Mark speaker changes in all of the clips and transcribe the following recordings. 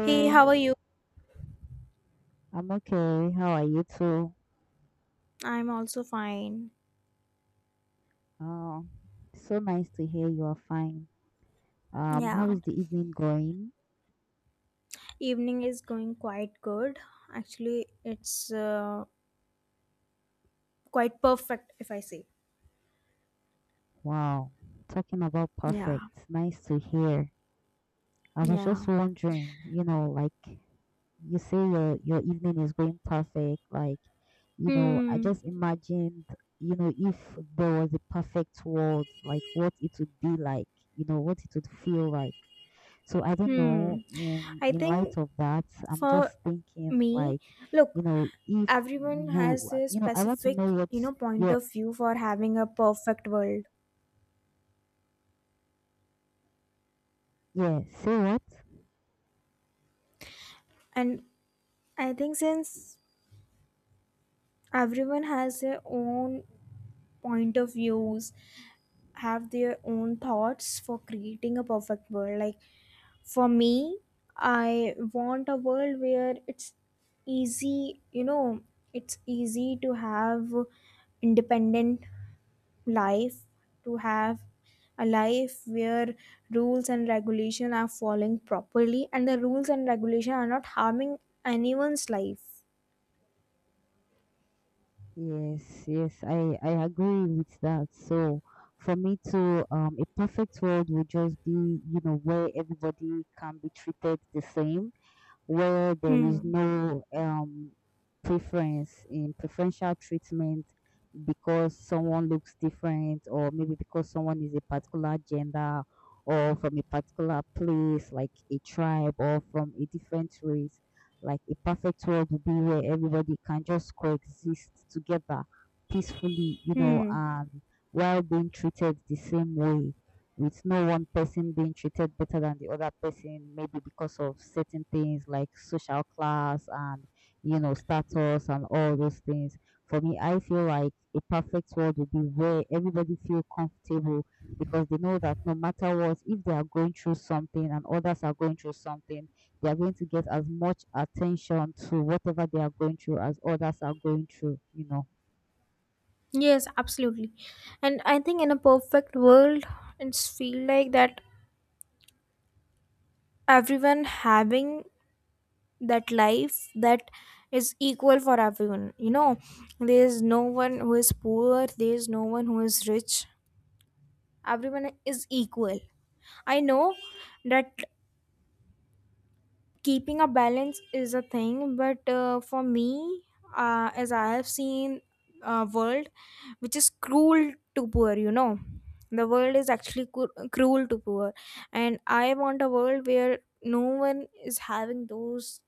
Speaker 1: Hey, how are you?
Speaker 2: I'm okay. How are you too?
Speaker 1: I'm also fine.
Speaker 2: Oh, so nice to hear you are fine.
Speaker 1: Yeah,
Speaker 2: How is the evening going?
Speaker 1: evening is going quite good. Actually, it's quite perfect if I say.
Speaker 2: Wow, talking about
Speaker 1: Yeah,
Speaker 2: perfect. Nice to hear. I was just
Speaker 1: yeah.
Speaker 2: wondering, like you say your evening is going perfect. Like, I
Speaker 1: Hmm,
Speaker 2: just imagined, if there was a perfect world, like what it would be like, what it would feel like. So I don't
Speaker 1: hmm.
Speaker 2: know. In
Speaker 1: I
Speaker 2: in light
Speaker 1: think
Speaker 2: of that, I'm
Speaker 1: for
Speaker 2: just thinking
Speaker 1: me,
Speaker 2: like,
Speaker 1: look,
Speaker 2: if
Speaker 1: everyone
Speaker 2: you,
Speaker 1: has a
Speaker 2: I want to know
Speaker 1: specific,
Speaker 2: what
Speaker 1: you know, point
Speaker 2: your
Speaker 1: of view for having a perfect world.
Speaker 2: yeah. Say what?
Speaker 1: And I think since everyone has their own point of views, have their own thoughts for creating a perfect world. Like for me, I want a world where it's easy, it's easy to have independent life, to have a life where rules and regulation are following properly, and the rules and regulation are not harming anyone's life.
Speaker 2: Yes, yes, I agree with that. So for me to a perfect world would just be, where everybody can be treated the same, where there is
Speaker 1: Hmm,
Speaker 2: no preference in preferential treatment, because someone looks different or maybe because someone is a particular gender or from a particular place like a tribe or from a different race. Like a perfect world would be where everybody can just coexist together peacefully
Speaker 1: hmm.
Speaker 2: and while being treated the same way, with no one person being treated better than the other person, maybe because of certain things like social class and status and all those things. For me, I feel like a perfect world would be where everybody feel comfortable, because they know that no matter what, if they are going through something and others are going through something, they are going to get as much attention to whatever they are going through as others are going through.
Speaker 1: Yes, absolutely. And I think in a perfect world it's feel like that everyone having that life that is equal for everyone, there is no one who is poor, there is no one who is rich, everyone is equal. I know that keeping a balance is a thing, but for me, as I have seen a world which is cruel to poor, the world is actually cruel to poor, and I want a world where no one is having those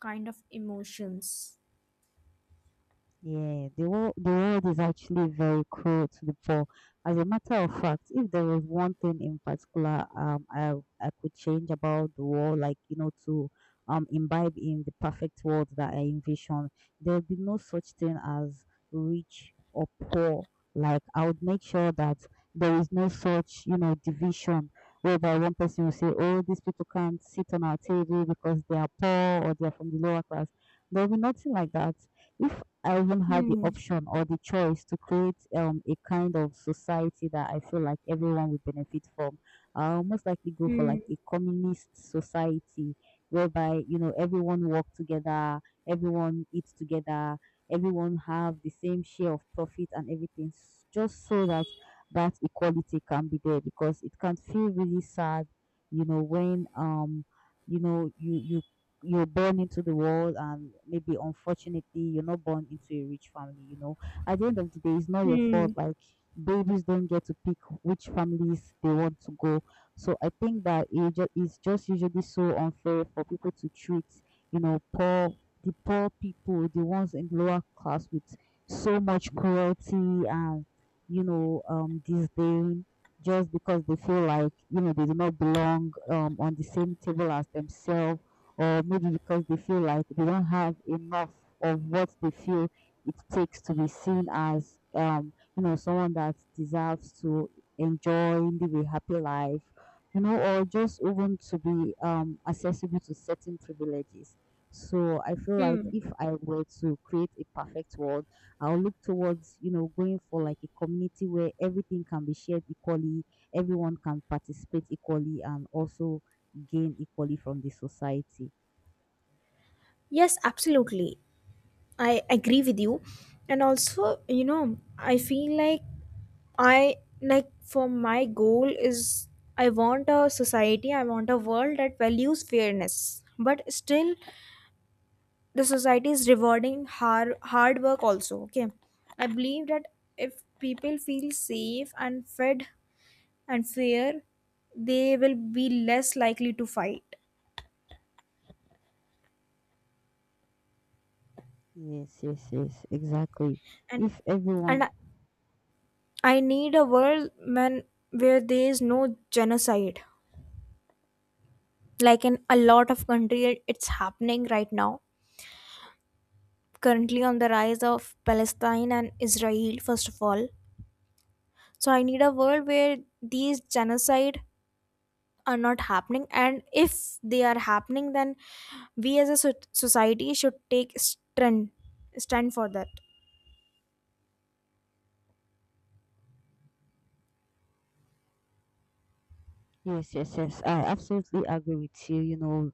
Speaker 1: kind of emotions.
Speaker 2: Yeah, The world is actually very cruel to the poor. As a matter of fact, if there was one thing in particular I could change about the world, like to imbibe in the perfect world that I envision, there would be no such thing as rich or poor. Like I would make sure that there is no such, division whereby one person will say, oh, these people can't sit on our table because they are poor or they are from the lower class. There will be nothing like that if I even had the
Speaker 1: Hmm.
Speaker 2: option or the choice to create a kind of society that I feel like everyone would benefit from. I'll most likely go for
Speaker 1: Hmm.
Speaker 2: like a communist society whereby everyone work together, everyone eats together, everyone have the same share of profit and everything, just so that that equality can be there, because it can feel really sad, when you know you you you're born into the world and maybe unfortunately you're not born into a rich family, at the end of the day it's not your fault.
Speaker 1: Hmm.
Speaker 2: Like babies don't get to pick which families they want to go, so I think that it's just usually so unfair for people to treat poor the poor people, the ones in lower class, with so much cruelty and disdain, just because they feel like they do not belong on the same table as themselves, or maybe because they feel like they don't have enough of what they feel it takes to be seen as someone that deserves to enjoy live a happy life, or just even to be accessible to certain privileges. So I feel like
Speaker 1: Hmm.
Speaker 2: if I were to create a perfect world, I'll look towards going for like a community where everything can be shared equally, everyone can participate equally, and also gain equally from the society.
Speaker 1: Yes, absolutely. I agree with you. And also, I feel like I, like for my goal is, I want a society, I want a world that values fairness. But still the society is rewarding hard work also. Okay. I believe that if people feel safe and fed and fair, they will be less likely to fight.
Speaker 2: Yes, yes, yes, exactly.
Speaker 1: and
Speaker 2: If everyone,
Speaker 1: and I need a world, man, where there is no genocide, like in a lot of country it's happening right now, currently on the rise of Palestine and Israel first of all. So I need a world where these genocide are not happening, and if they are happening then we as a society should take stand for that.
Speaker 2: yes, yes, yes, I absolutely agree with you.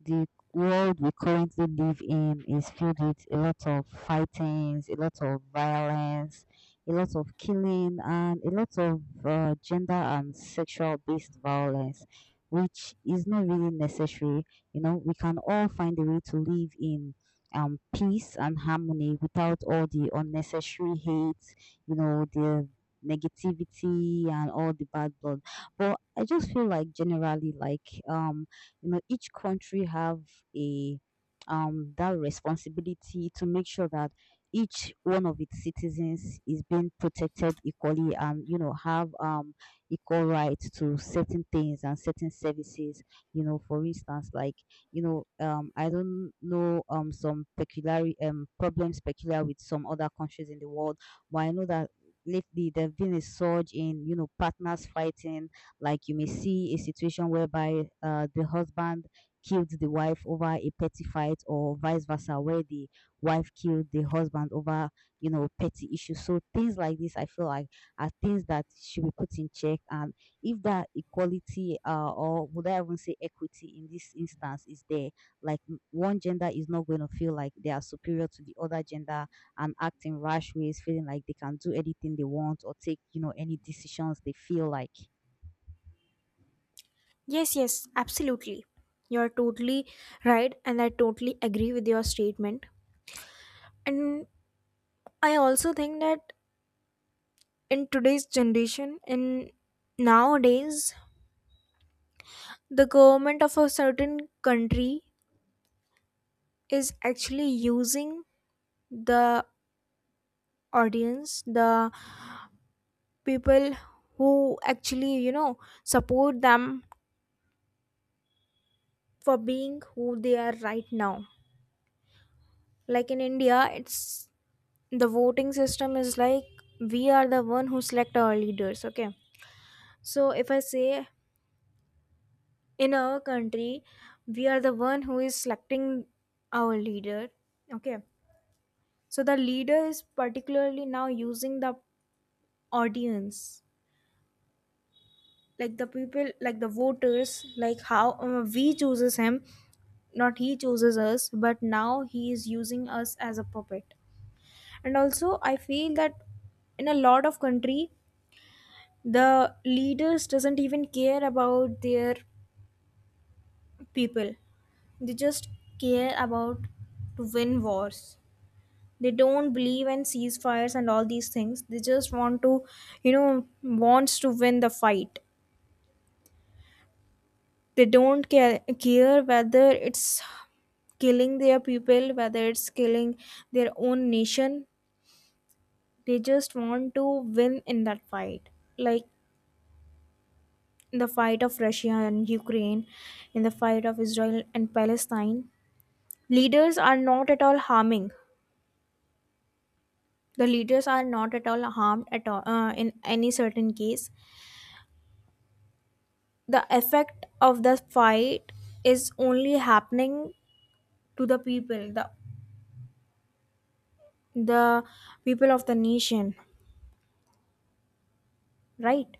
Speaker 2: The world we currently live in is filled with a lot of fightings, a lot of violence, a lot of killing, and a lot of gender and sexual based violence, which is not really necessary. We can all find a way to live in peace and harmony without all the unnecessary hate, the negativity and all the bad blood. But I just feel like generally, like, each country have a that responsibility to make sure that each one of its citizens is being protected equally and have equal rights to certain things and certain services, for instance, like I don't know, some peculiar problems peculiar with some other countries in the world. But I know that lately there have been a surge in partners fighting. Like you may see a situation whereby the husband killed the wife over a petty fight, or vice versa, where the wife killed the husband over petty issues. So things like this, I feel like, are things that should be put in check. And if that equality, or would I even say equity, in this instance, is there, like one gender is not going to feel like they are superior to the other gender and act in rash ways, feeling like they can do anything they want or take, any decisions they feel like.
Speaker 1: Yes, yes, absolutely. You're totally right, and I totally agree with your statement. And I also think that in today's generation, in nowadays, the government of a certain country is actually using the audience, the people who actually, support them for being who they are right now. Like in India, it's the voting system is like, we are the one who select our leaders, okay? So if I say in our country we are the one who is selecting our leader, okay. So the leader is particularly now using the audience, like the people, like the voters, like how we chooses him, not he chooses us, but now he is using us as a puppet. And also I feel that in a lot of country the leaders doesn't even care about their people, they just care about to win wars. They don't believe in ceasefires and all these things, they just want to, wants to win the fight. They don't care whether it's killing their people, whether it's killing their own nation. They just want to win in that fight, like in the fight of Russia and Ukraine, in the fight of Israel and Palestine, leaders are not at all harming, the leaders are not at all harmed at all, in any certain case. The effect of the fight is only happening to the people, the the people of the nation, right?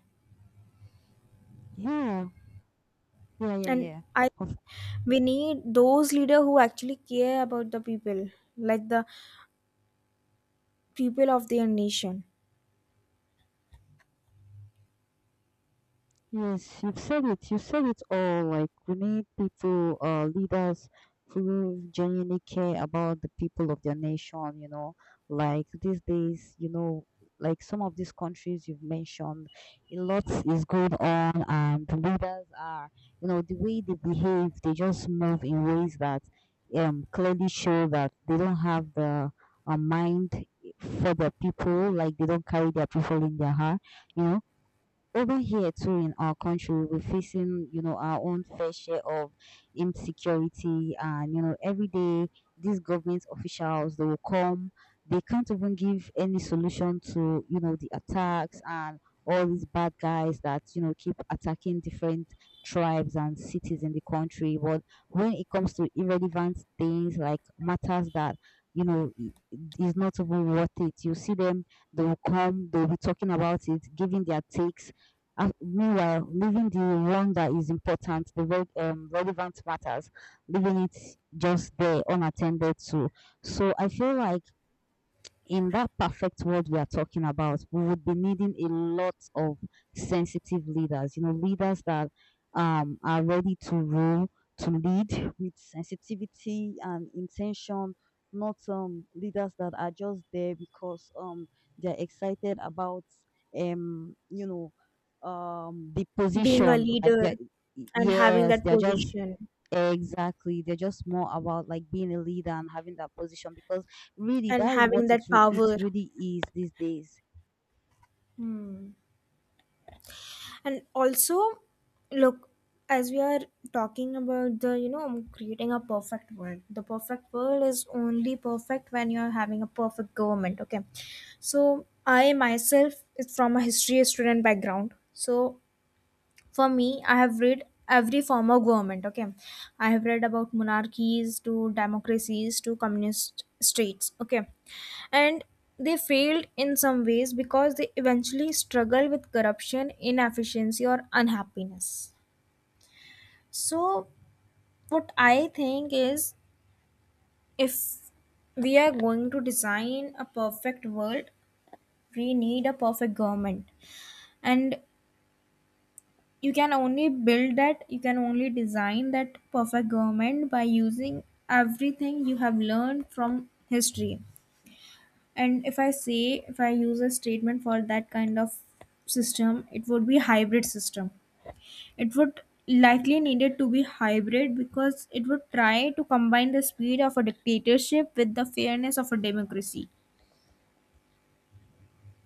Speaker 2: Yeah. Yeah, yeah,
Speaker 1: And
Speaker 2: yeah.
Speaker 1: I
Speaker 2: Of,
Speaker 1: we need those leader who actually care about the people, like the people of their nation.
Speaker 2: yes, you've said it. You said it all. Like we need people, leaders who genuinely care about the people of their nation. Like these days, like some of these countries you've mentioned, a lot is going on, and the leaders, are, the way they behave, they just move in ways that clearly show that they don't have the a mind for their people. Like they don't carry their people in their heart. You know Over here too in our country, we're facing our own fair share of insecurity, and every day these government officials they will come, they can't even give any solution to the attacks and all these bad guys that keep attacking different tribes and cities in the country. But when it comes to irrelevant things, like matters that you know i- is not even worth it, you see them, they will come, they'll be talking about it, giving their takes, and meanwhile, leaving the one that is important, the relevant matters, leaving it just there unattended to. So I feel like in that perfect world we are talking about, we would be needing a lot of sensitive leaders, leaders that are ready to rule, to lead with sensitivity and intention, not leaders that are just there because they're excited about, um, you know, the
Speaker 1: Being a
Speaker 2: position. Like,
Speaker 1: leader and having
Speaker 2: yes,
Speaker 1: that
Speaker 2: they're just.
Speaker 1: position,
Speaker 2: Exactly. They're just more about like being a leader and having that position, because really
Speaker 1: and
Speaker 2: that's what
Speaker 1: having that
Speaker 2: it
Speaker 1: power.
Speaker 2: really is these days.
Speaker 1: And also look, as we are talking about the, creating a perfect world, the perfect world is only perfect when you're having a perfect government, okay? So I myself is from a history student background. So for me, I have read every form of government, okay. I have read about monarchies to democracies to communist states, okay. And they failed in some ways because they eventually struggle with corruption, inefficiency or unhappiness. So what I think is, if we are going to design a perfect world, we need a perfect government. And you can only build that, you can only design that perfect government by using everything you have learned from history. And if I say, if I use a statement for that kind of system, it would be hybrid system. It would likely needed to be hybrid because it would try to combine the speed of a dictatorship with the fairness of a democracy.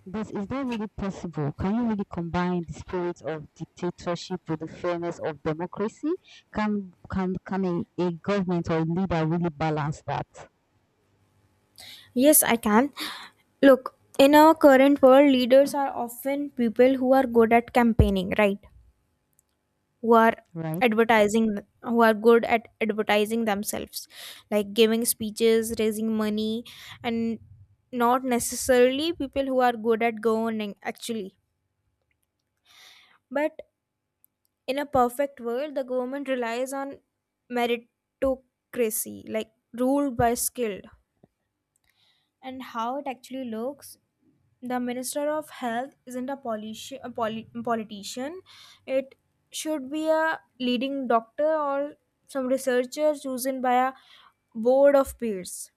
Speaker 2: But is that really possible? Can you really combine the spirit of dictatorship with the fairness of democracy? Can a government or leader really balance that?
Speaker 1: Yes, I can. Look, in our current world, leaders are often people who are good at campaigning, right? Who are
Speaker 2: Right?
Speaker 1: advertising, who are good at advertising themselves, like giving speeches, raising money, and not necessarily people who are good at governing actually. But in a perfect world, the government relies on meritocracy, like ruled by skilled. And how it actually looks, the minister of health isn't a politician, it should be a leading doctor or some researcher chosen by a board of peers.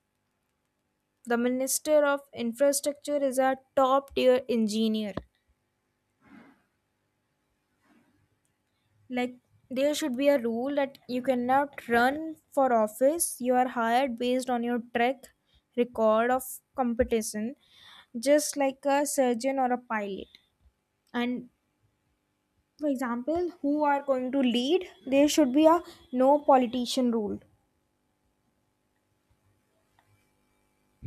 Speaker 1: The minister of infrastructure is a top tier engineer. Like, there should be a rule that you cannot run for office, you are hired based on your track record of competition, just like a surgeon or a pilot. And for example, who are going to lead? There should be a no politician rule.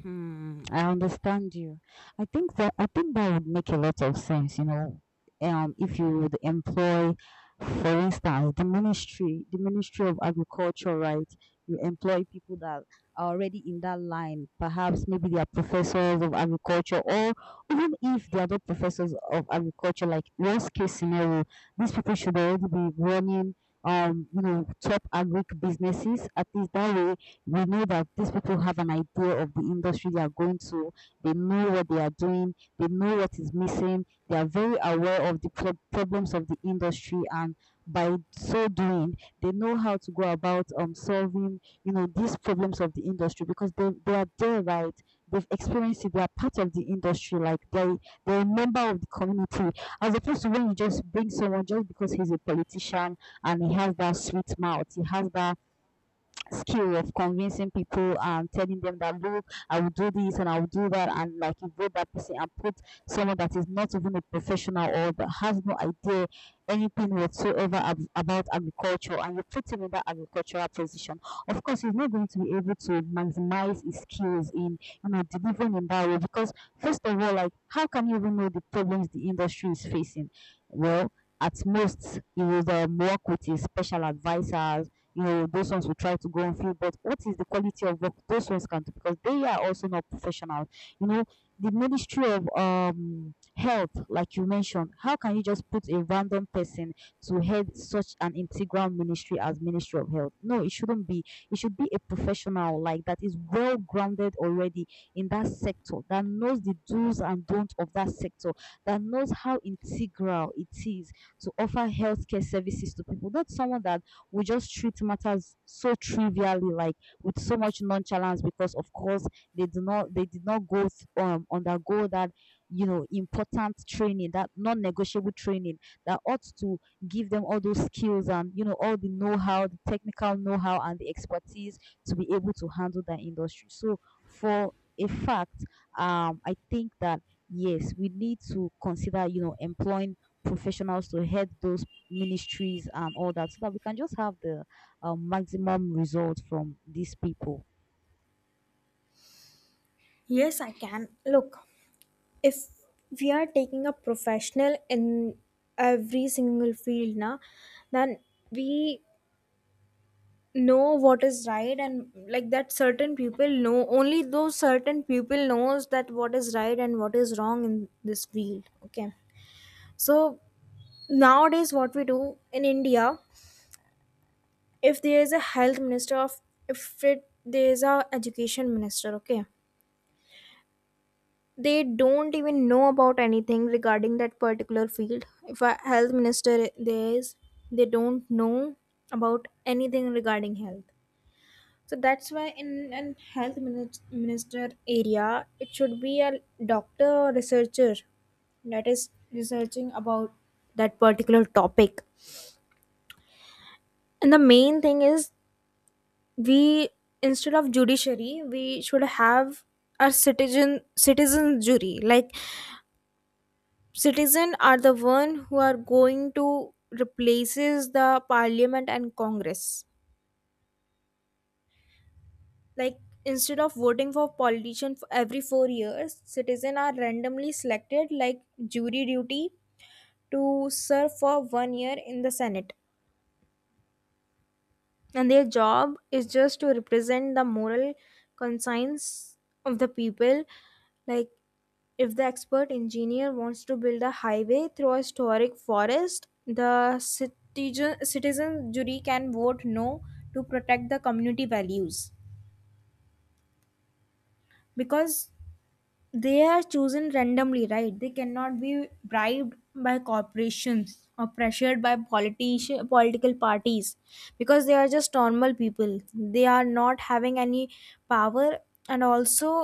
Speaker 2: Hmm, I understand you. I think that would make a lot of sense. If you would employ, for instance, the Ministry of Agriculture, right? You employ people that are already in that line. Perhaps maybe they are professors of agriculture, or even if they are not professors of agriculture, like worst case scenario, these people should already be running, top agric businesses. At least that way, we know that these people have an idea of the industry they are going to. They know what they are doing. They know what is missing. They are very aware of the problems of the industry, and by so doing, they know how to go about solving these problems of the industry, because they are there, right? They've experienced it. They are part of the industry. Like they're a member of the community. As opposed to when you just bring someone just because he's a politician and he has that sweet mouth, he has that skill of convincing people and telling them that look, I will do this and I will do that, and like you vote that person and put someone that is not even a professional or that has no idea anything whatsoever about agriculture, and you put him in that agricultural position. Of course, he's not going to be able to maximize his skills in delivering in that way, because first of all, like how can you even know the problems the industry is facing? Well, at most, he will work with his special advisors, those ones will try to go on field. But what is the quality of work those ones can do? Because they are also not professional. You know, the Ministry of Health, like you mentioned, how can you just put a random person to head such an integral ministry as Ministry of Health? No, it shouldn't be. It should be a professional, like, that is well grounded already in that sector, that knows the do's and don'ts of that sector, that knows how integral it is to offer healthcare services to people. Not someone that we just treat matters so trivially, like with so much nonchalance, because of course they did not go undergo that important training, that non-negotiable training that ought to give them all those skills and all the know-how, the technical know-how and the expertise to be able to handle that industry. So for a fact, I think that yes, we need to consider employing professionals to head those ministries and all that, so that we can just have the maximum result from these people
Speaker 1: Yes, I can. Look, if we are taking a professional in every single field now, then we know what is right, and like that certain people know, only those certain people knows that what is right and what is wrong in this field, okay. So nowadays what we do in India, if there is a health minister of, if it there is a education minister, okay, they don't even know about anything regarding that particular field. If a health minister there is, they don't know about anything regarding health. So that's why in an health minister area it should be a doctor or researcher that is researching about that particular topic. And the main thing is, we instead of judiciary we should have a citizen jury. Like, citizen are the one who are going to replaces the parliament and congress. Like, instead of voting for politician for every 4 years, citizen are randomly selected like jury duty, to serve for 1 year in the senate, and their job is just to represent the moral conscience of the people. Like, if the expert engineer wants to build a highway through a historic forest, the citizen jury can vote no to protect the community values. Because they are chosen randomly, right? They cannot be bribed by corporations or pressured by politician, political parties, because they are just normal people. They are not having any power. And also